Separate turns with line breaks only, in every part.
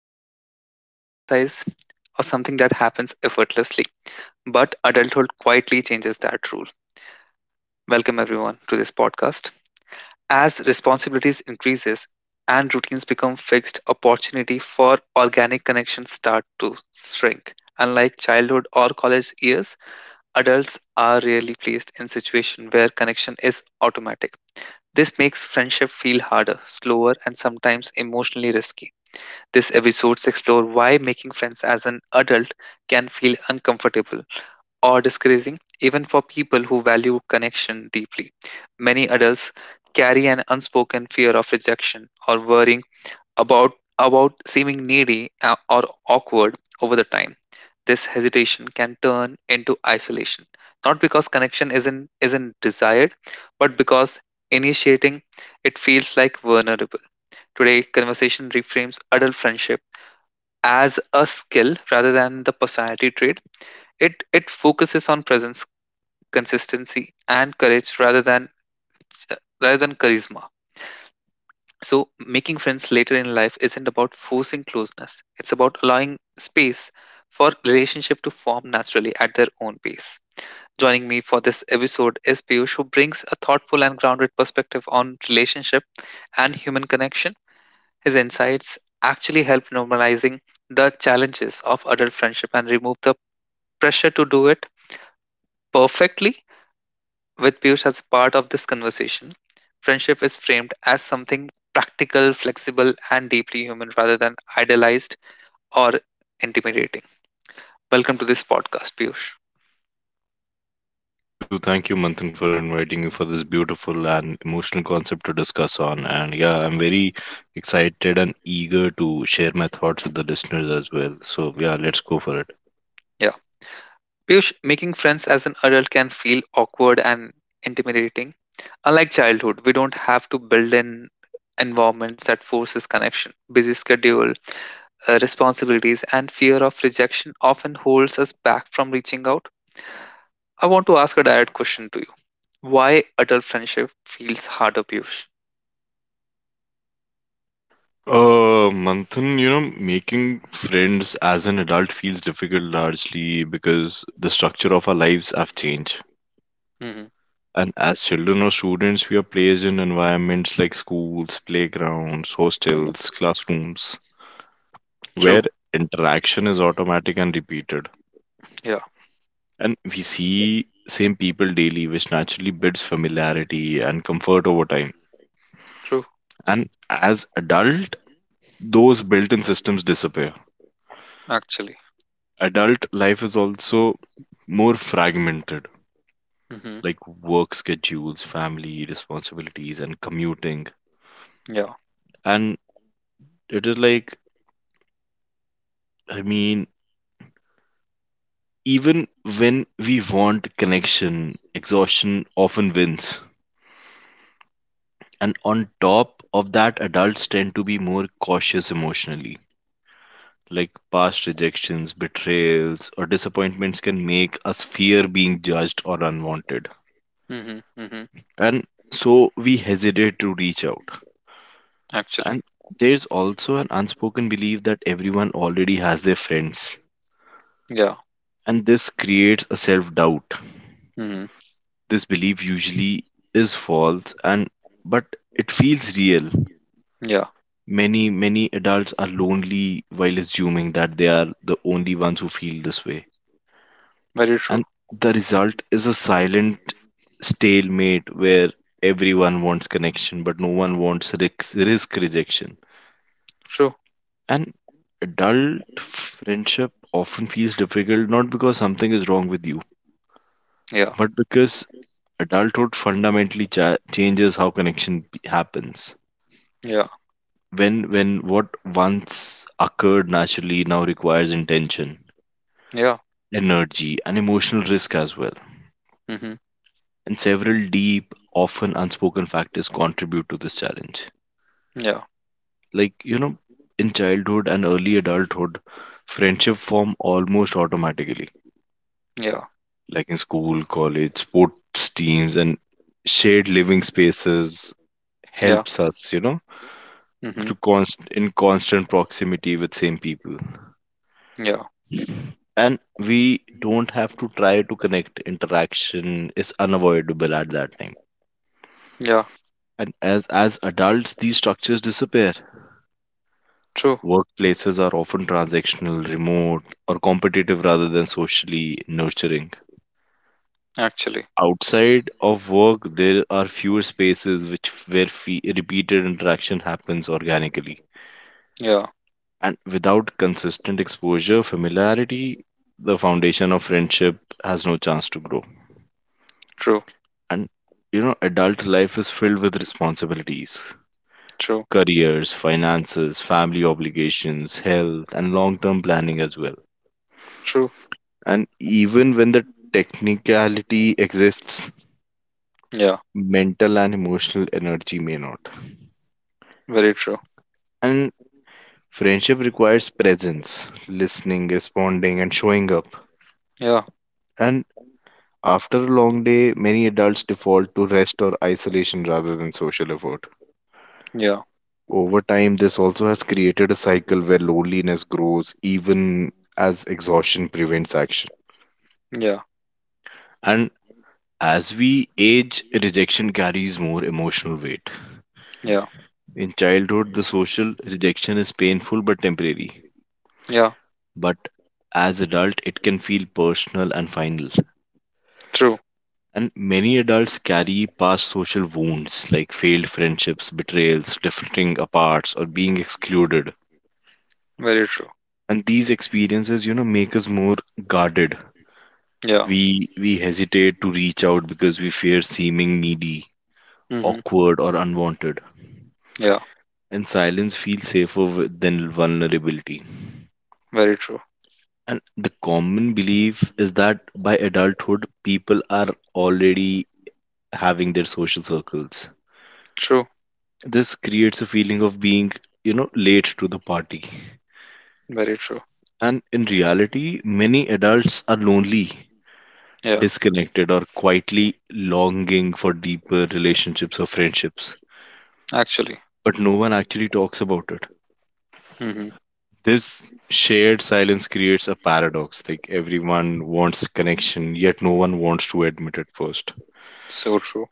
often romanticized or something that happens effortlessly, but adulthood quietly changes that rule. Welcome everyone to this podcast. As responsibilities increases and routines become fixed, opportunity for organic connections start to shrink. Unlike childhood or college years, adults are rarely placed in situation where connection is automatic. This makes friendship feel harder, slower, and sometimes emotionally risky. This episodes explore why making friends as an adult can feel uncomfortable or discouraging, even for people who value connection deeply. Many adults carry an unspoken fear of rejection or worrying about about seeming needy or awkward over the time. This hesitation can turn into isolation, not because connection isn't desired, but because initiating it feels like vulnerable. Today, conversation reframes adult friendship as a skill rather than the personality trait. It focuses on presence, consistency, and courage rather than charisma. So making friends later in life isn't about forcing closeness. It's about allowing space for relationship to form naturally at their own pace. Joining me for this episode is Piyush, who brings a thoughtful and grounded perspective on relationship and human connection. His insights actually help normalizing the challenges of adult friendship and remove the pressure to do it perfectly. With Piyush as part of this conversation, friendship is framed as something practical, flexible, and deeply human rather than idealized or intimidating. Welcome to this podcast, Piyush.
Thank you, Manthan, for inviting me for this beautiful and emotional concept to discuss on. And yeah, I'm very excited and eager to share my thoughts with the listeners as well. So yeah, let's go for it.
Yeah. Piyush, making friends as an adult can feel awkward and intimidating. Unlike childhood, we don't have to build in environments that forces connection. Busy schedule, responsibilities, and fear of rejection often holds us back from reaching out. I want to ask a direct question to you. Why adult friendship feels harder, Piyush?
Manthan, making friends as an adult feels difficult largely because the structure of our lives have changed.
Mm-hmm.
And as children or students, we are placed in environments like schools, playgrounds, hostels, classrooms,
True.
where interaction is automatic and repeated.
Yeah.
And we see same people daily, which naturally builds familiarity and comfort over time.
True.
And as adult, those built-in systems disappear.
Actually.
Adult life is also more fragmented,
Mm-hmm.
like work schedules, family responsibilities, and commuting.
Yeah.
And it is like, I mean, even when we want connection, exhaustion often wins. And on top of that, adults tend to be more cautious emotionally. Like past rejections, betrayals, or disappointments can make us fear being judged or unwanted.
Mm-hmm. Mm-hmm.
And so we hesitate to reach out.
Actually.
And there's also an unspoken belief that everyone already has their friends.
Yeah.
And this creates a self doubt.
Mm-hmm.
This belief usually is false and but it feels real.
Yeah.
Many adults are lonely while assuming that they are the only ones who feel this way.
Very
And
true.
the result is a silent stalemate where everyone wants connection, but no one wants risk rejection.
True.
And adult friendship often feels difficult not because something is wrong with you,
Yeah.
but because adulthood fundamentally changes how connection happens.
Yeah.
When what once occurred naturally now requires intention,
Yeah.
energy, and emotional risk as well,
Mm-hmm.
and several deep, often unspoken factors contribute to this challenge.
Yeah.
Like, you know, in childhood and early adulthood, friendship form almost automatically,
Yeah.
like in school, college, sports teams, and shared living spaces
Yeah.
helps us,
Mm-hmm.
to in constant proximity with same people.
Yeah.
And we don't have to try to connect. Interaction is unavoidable at that time.
Yeah.
And as adults, these structures disappear.
True.
Workplaces are often transactional, remote, or competitive rather than socially nurturing.
Actually.
Outside of work, there are fewer spaces which where repeated interaction happens organically.
Yeah.
And without consistent exposure, familiarity, the foundation of friendship has no chance to grow.
True.
And adult life is filled with responsibilities,
True.
careers, finances, family obligations, health, and long-term planning as well.
True.
And even when the technicality exists,
Yeah.
mental and emotional energy may not.
Very true.
And friendship requires presence, listening, responding, and showing up.
Yeah.
And after a long day, many adults default to rest or isolation rather than social effort.
Yeah.
Over time, this also has created a cycle where loneliness grows even as exhaustion prevents action.
Yeah.
And as we age, rejection carries more emotional weight.
Yeah.
In childhood, the social rejection is painful but temporary.
Yeah.
But as adult, it can feel personal and final.
True.
And many adults carry past social wounds like failed friendships, betrayals, drifting apart, or being excluded.
Very true.
And these experiences, make us more guarded.
Yeah.
We hesitate to reach out because we fear seeming needy,
Mm-hmm.
awkward, or unwanted.
Yeah.
And silence feels safer than vulnerability.
Very true.
And the common belief is that by adulthood, people are already having their social circles.
True.
This creates a feeling of being, late to the party.
Very true.
And in reality, many adults are lonely,
Yeah,
disconnected, or quietly longing for deeper relationships or friendships.
actually.
But no one actually talks about it.
Hmm.
This shared silence creates a paradox. Like everyone wants connection, yet no one wants to admit it first.
So true.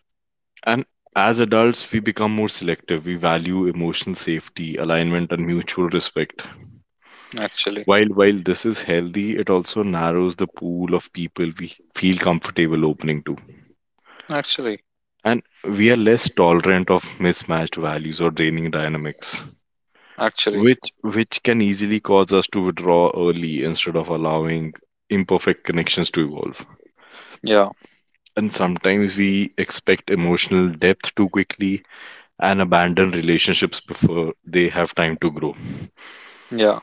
And as adults, we become more selective. We value emotional safety, alignment, and mutual respect.
Actually.
While this is healthy, it also narrows the pool of people we feel comfortable opening to.
Actually.
And we are less tolerant of mismatched values or draining dynamics,
Actually.
which can easily cause us to withdraw early instead of allowing imperfect connections to evolve.
Yeah.
And sometimes we expect emotional depth too quickly and abandon relationships before they have time to grow.
Yeah.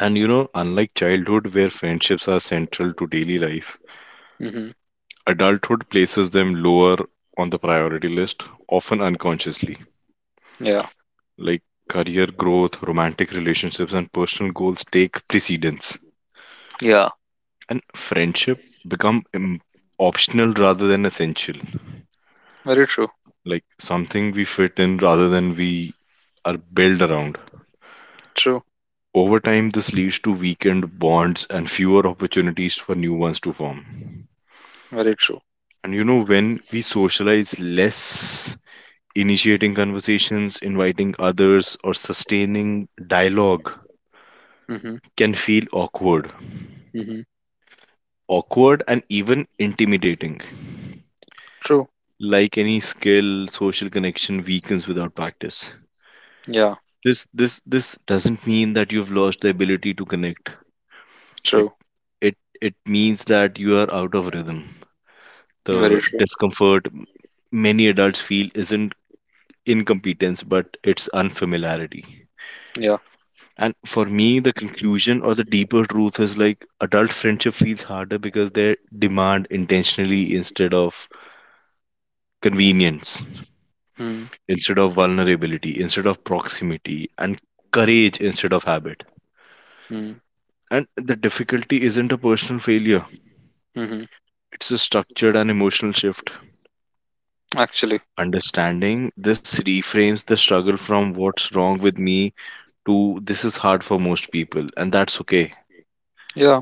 And unlike childhood, where friendships are central to daily life,
Hmm.
adulthood places them lower on the priority list, often unconsciously.
Yeah.
Like career growth, romantic relationships, and personal goals take precedence.
Yeah.
And friendship become optional rather than essential,
Very true.
like something we fit in rather than we are built around.
True.
Over time, this leads to weakened bonds and fewer opportunities for new ones to form.
Very true.
And when we socialize less, initiating conversations, inviting others, or sustaining dialogue
Hmm.
can feel awkward.
Hmm.
Awkward and even intimidating.
True.
Like any skill, social connection weakens without practice.
Yeah.
This doesn't mean that you've lost the ability to connect. It
True.
it means that you are out of rhythm.
Very
The
true.
discomfort many adults feel isn't incompetence, but it's unfamiliarity.
Yeah.
And for me, the conclusion or the deeper truth is like adult friendship feels harder because they demand intentionally instead of convenience,
Mm-hmm.
instead of vulnerability, instead of proximity, and courage instead of habit. And the difficulty isn't a personal failure,
Hmm.
it's a structured and emotional shift.
Actually.
Understanding this reframes the struggle from what's wrong with me to this is hard for most people, and that's okay,
Yeah.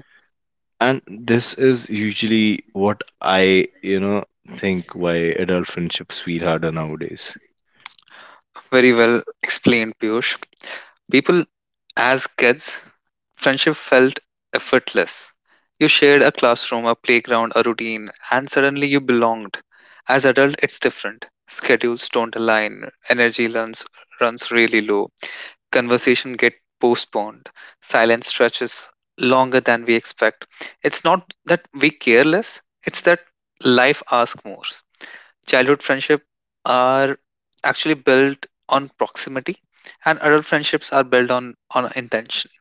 and this is usually what I think why adult friendships feel harder nowadays.
Very well explained, Piyush. People, as kids, friendship felt effortless. You shared a classroom, a playground, a routine, and suddenly you belonged. As adult, it's different. Schedules don't align, energy runs really low, conversation get postponed, silence stretches longer than we expect. It's not that we careless, it's that life asks more. Childhood friendship are actually built on proximity, and adult friendships are built on intention.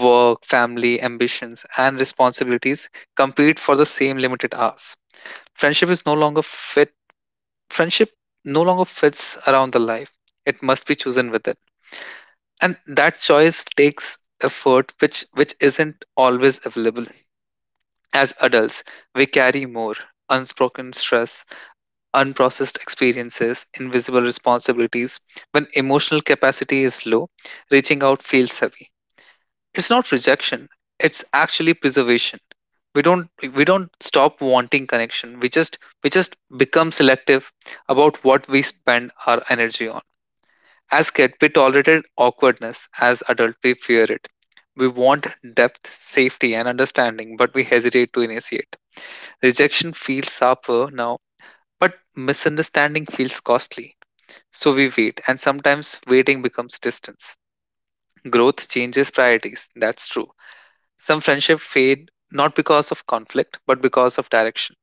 Work, family, ambitions, and responsibilities compete for the same limited hours. Friendship is no longer fit. Friendship no longer fits around the life. It must be chosen with it, and that choice takes effort, which isn't always available. As adults, we carry more unspoken stress, unprocessed experiences, invisible responsibilities. When emotional capacity is low, reaching out feels heavy. It's not rejection. It's actually preservation. We don't we don't stop wanting connection. We just become selective about what we spend our energy on. As kid, we tolerated awkwardness. As adult, we fear it. We want depth, safety, and understanding, but we hesitate to initiate. Rejection feels sharper now, but misunderstanding feels costly. So we wait, and sometimes waiting becomes distance. Growth changes priorities, that's true. Some friendships fade not because of conflict, but because of direction.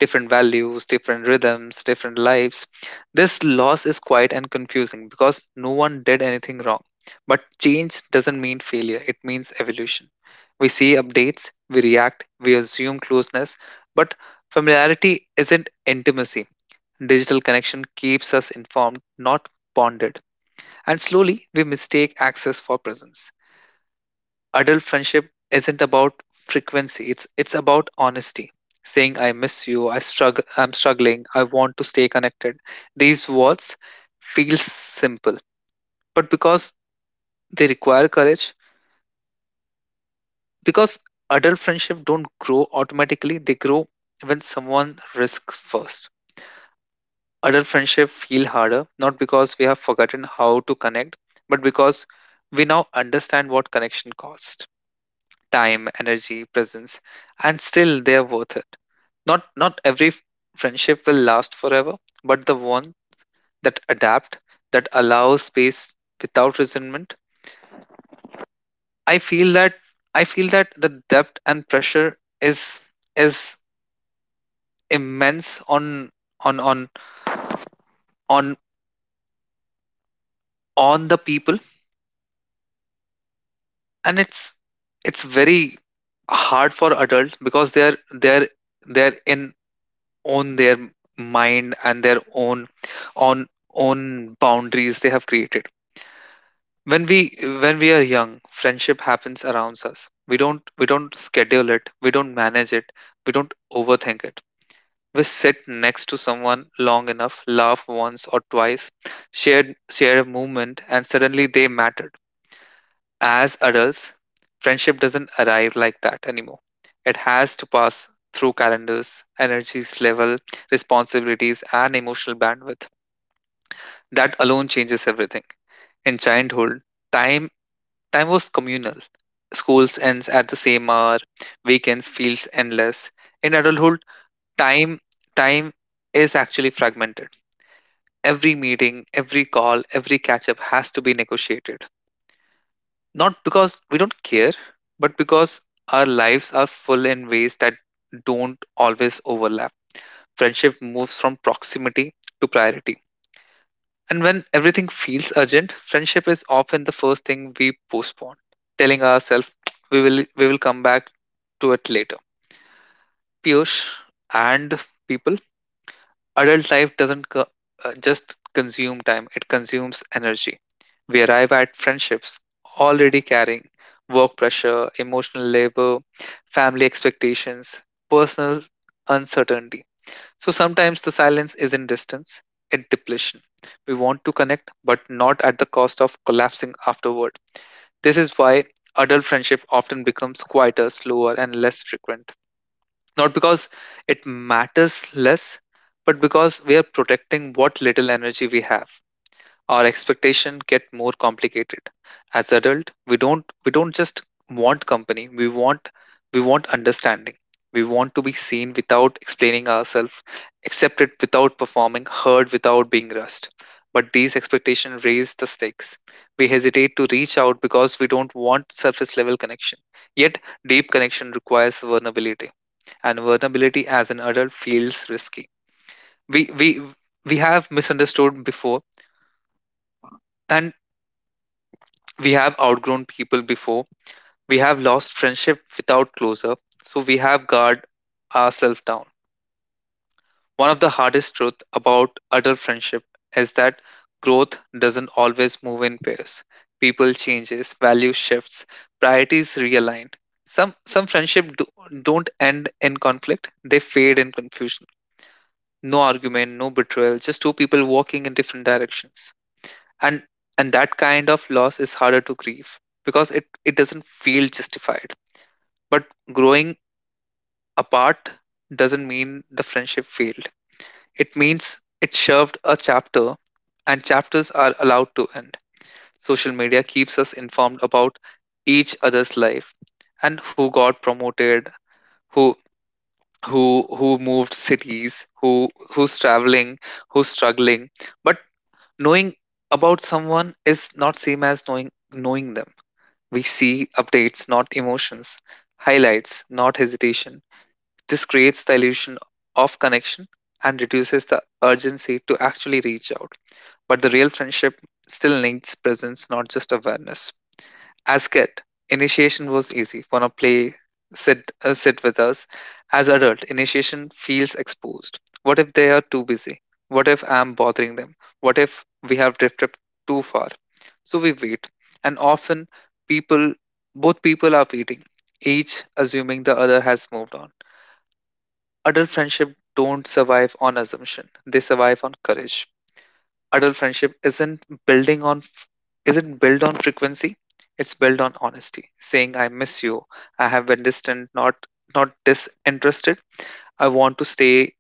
Different values, different rhythms, different lives. This loss is quiet and confusing because no one did anything wrong. But change doesn't mean failure, it means evolution. We see updates, we react, we assume closeness, but familiarity isn't intimacy. Digital connection keeps us informed, not bonded. And slowly, we mistake access for presence. Adult friendship isn't about frequency, it's about honesty. Saying I miss you, I'm struggling, I want to stay connected. These words feel simple, but because they require courage, because adult friendship don't grow automatically, they grow when someone risks first. Adult friendship feel harder, not because we have forgotten how to connect, but because we now understand what connection costs: time, energy, presence, and still they're worth it. Not every friendship will last forever, but the one that adapt, that allows space without resentment. I feel that I feel that the depth and pressure is is immense on on on on the people, and it's very hard for adult because they're they're in own their mind and their own on own boundaries they have created. When we when we are young, friendship happens around us. We don't schedule it, we don't manage it, we don't overthink it. We sit next to someone long enough, laugh once or twice, share share a moment, and suddenly they mattered. As adults, friendship doesn't arrive like that anymore. It has to pass through calendars, energies level, responsibilities, and emotional bandwidth. That alone changes everything. In childhood, time time was communal. Schools ends at the same hour, weekends feels endless. In adulthood, time time is actually fragmented. Every meeting, every call, every catch up has to be negotiated. Not because we don't care, but because our lives are full in ways that don't always overlap. Friendship moves from proximity to priority. And when everything feels urgent, friendship is often the first thing we postpone, telling ourselves we will come back to it later. Piyush and people, adult life doesn't just consume time; it consumes energy. We arrive at friendships already carrying work pressure, emotional labor, family expectations, personal uncertainty. So sometimes the silence isn't distance, it's depletion. We want to connect, but not at the cost of collapsing afterward. This is why adult friendship often becomes quieter, slower, and less frequent. Not because it matters less, but because we are protecting what little energy we have. Our expectation get more complicated. As adult, we don't just want company, we want understanding. We want to be seen without explaining ourselves, accepted without performing, heard without being rushed. But these expectations raise the stakes. We hesitate to reach out because we don't want surface level connection, yet deep connection requires vulnerability, and vulnerability as an adult feels risky. We we we have misunderstood before, and we have outgrown people before. We have lost friendship without closure. So we have guard ourselves down. One of the hardest truth about adult friendship is that growth doesn't always move in pairs. People changes, value shifts, priorities realign. Some friendship don't end in conflict. They fade in confusion. No argument, no betrayal, just two people walking in different directions, and and that kind of loss is harder to grieve because it doesn't feel justified. But growing apart doesn't mean the friendship failed, it means it served a chapter, and chapters are allowed to end. Social media keeps us informed about each other's life, and who got promoted, who who who moved cities, who's traveling, who's struggling. But knowing about someone is not same as knowing them. We see updates, not emotions, highlights, not hesitation. This creates the illusion of connection and reduces the urgency to actually reach out. But the real friendship still needs presence, not just awareness. As kid, initiation was easy. Wanna play? Sit with us. As adult, initiation feels exposed. What if they are too busy? What if I'm bothering them? What if we have drifted too far? So we wait, and often people, both people are waiting, each assuming the other has moved on. Adult friendship don't survive on assumption; they survive on courage. Adult friendship isn't built on frequency. It's built on honesty, saying I miss you, I have been distant, not disinterested, I want to stay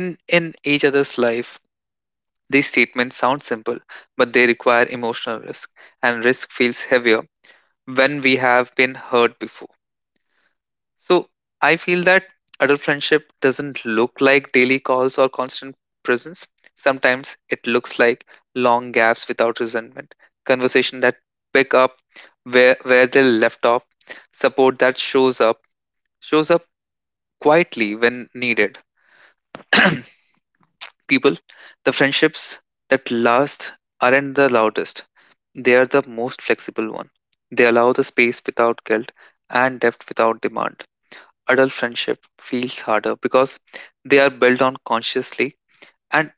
in each other's life. These statements sound simple, but they require emotional risk, and risk feels heavier when we have been hurt before. So I feel that adult friendship doesn't look like daily calls or constant presence. Sometimes it looks like long gaps without resentment, conversation that pick up where they left off, support that shows up quietly when needed. People, the friendships that last aren't the loudest. They are the most flexible one. They allow the space without guilt and depth without demand. Adult friendship feels harder because they are built on consciously and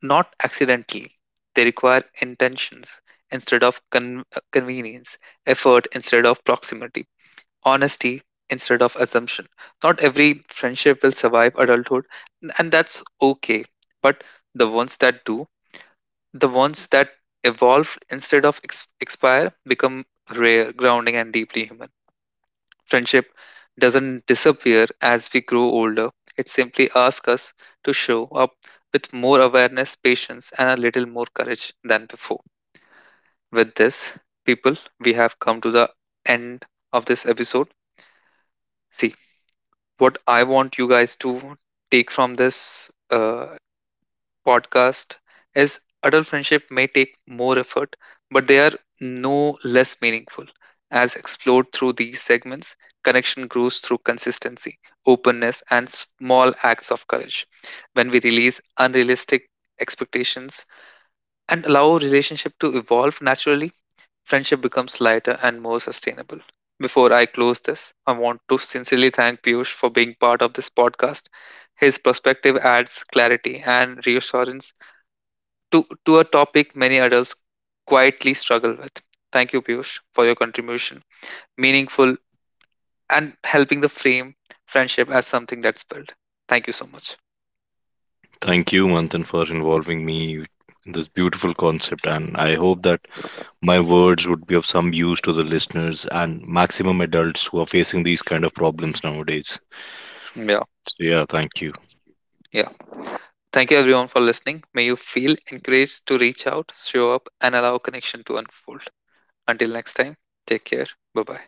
not accidentally. They require intentions instead of convenience, effort instead of proximity, honesty instead of assumption. Not every friendship will survive adulthood, and that's okay. But the ones that do, the ones that evolve instead of expire, become rare, grounding, and deeply human. Friendship doesn't disappear as we grow older. It simply asks us to show up with more awareness, patience, and a little more courage than before. With this, people, we have come to the end of this episode. See, what I want you guys to take from this podcast is adult friendship may take more effort, but they are no less meaningful. As explored through these segments, connection grows through consistency, openness, and small acts of courage. When we release unrealistic expectations and allow relationship to evolve naturally, friendship becomes lighter and more sustainable. Before I close this, I want to sincerely thank Piyush for being part of this podcast. His perspective adds clarity and reassurance to a topic many adults quietly struggle with. Thank you, Piyush, for your contribution, meaningful and helping the frame friendship as something that's built. Thank you so much.
Thank you, Manthan, for involving me in this beautiful concept, and I hope that my words would be of some use to the listeners and maximum adults who are facing these kind of problems nowadays.
Yeah,
So yeah, thank you.
yeah. Thank you everyone for listening. May you feel encouraged to reach out, show up, and allow connection to unfold. Until next time, take care. Bye bye.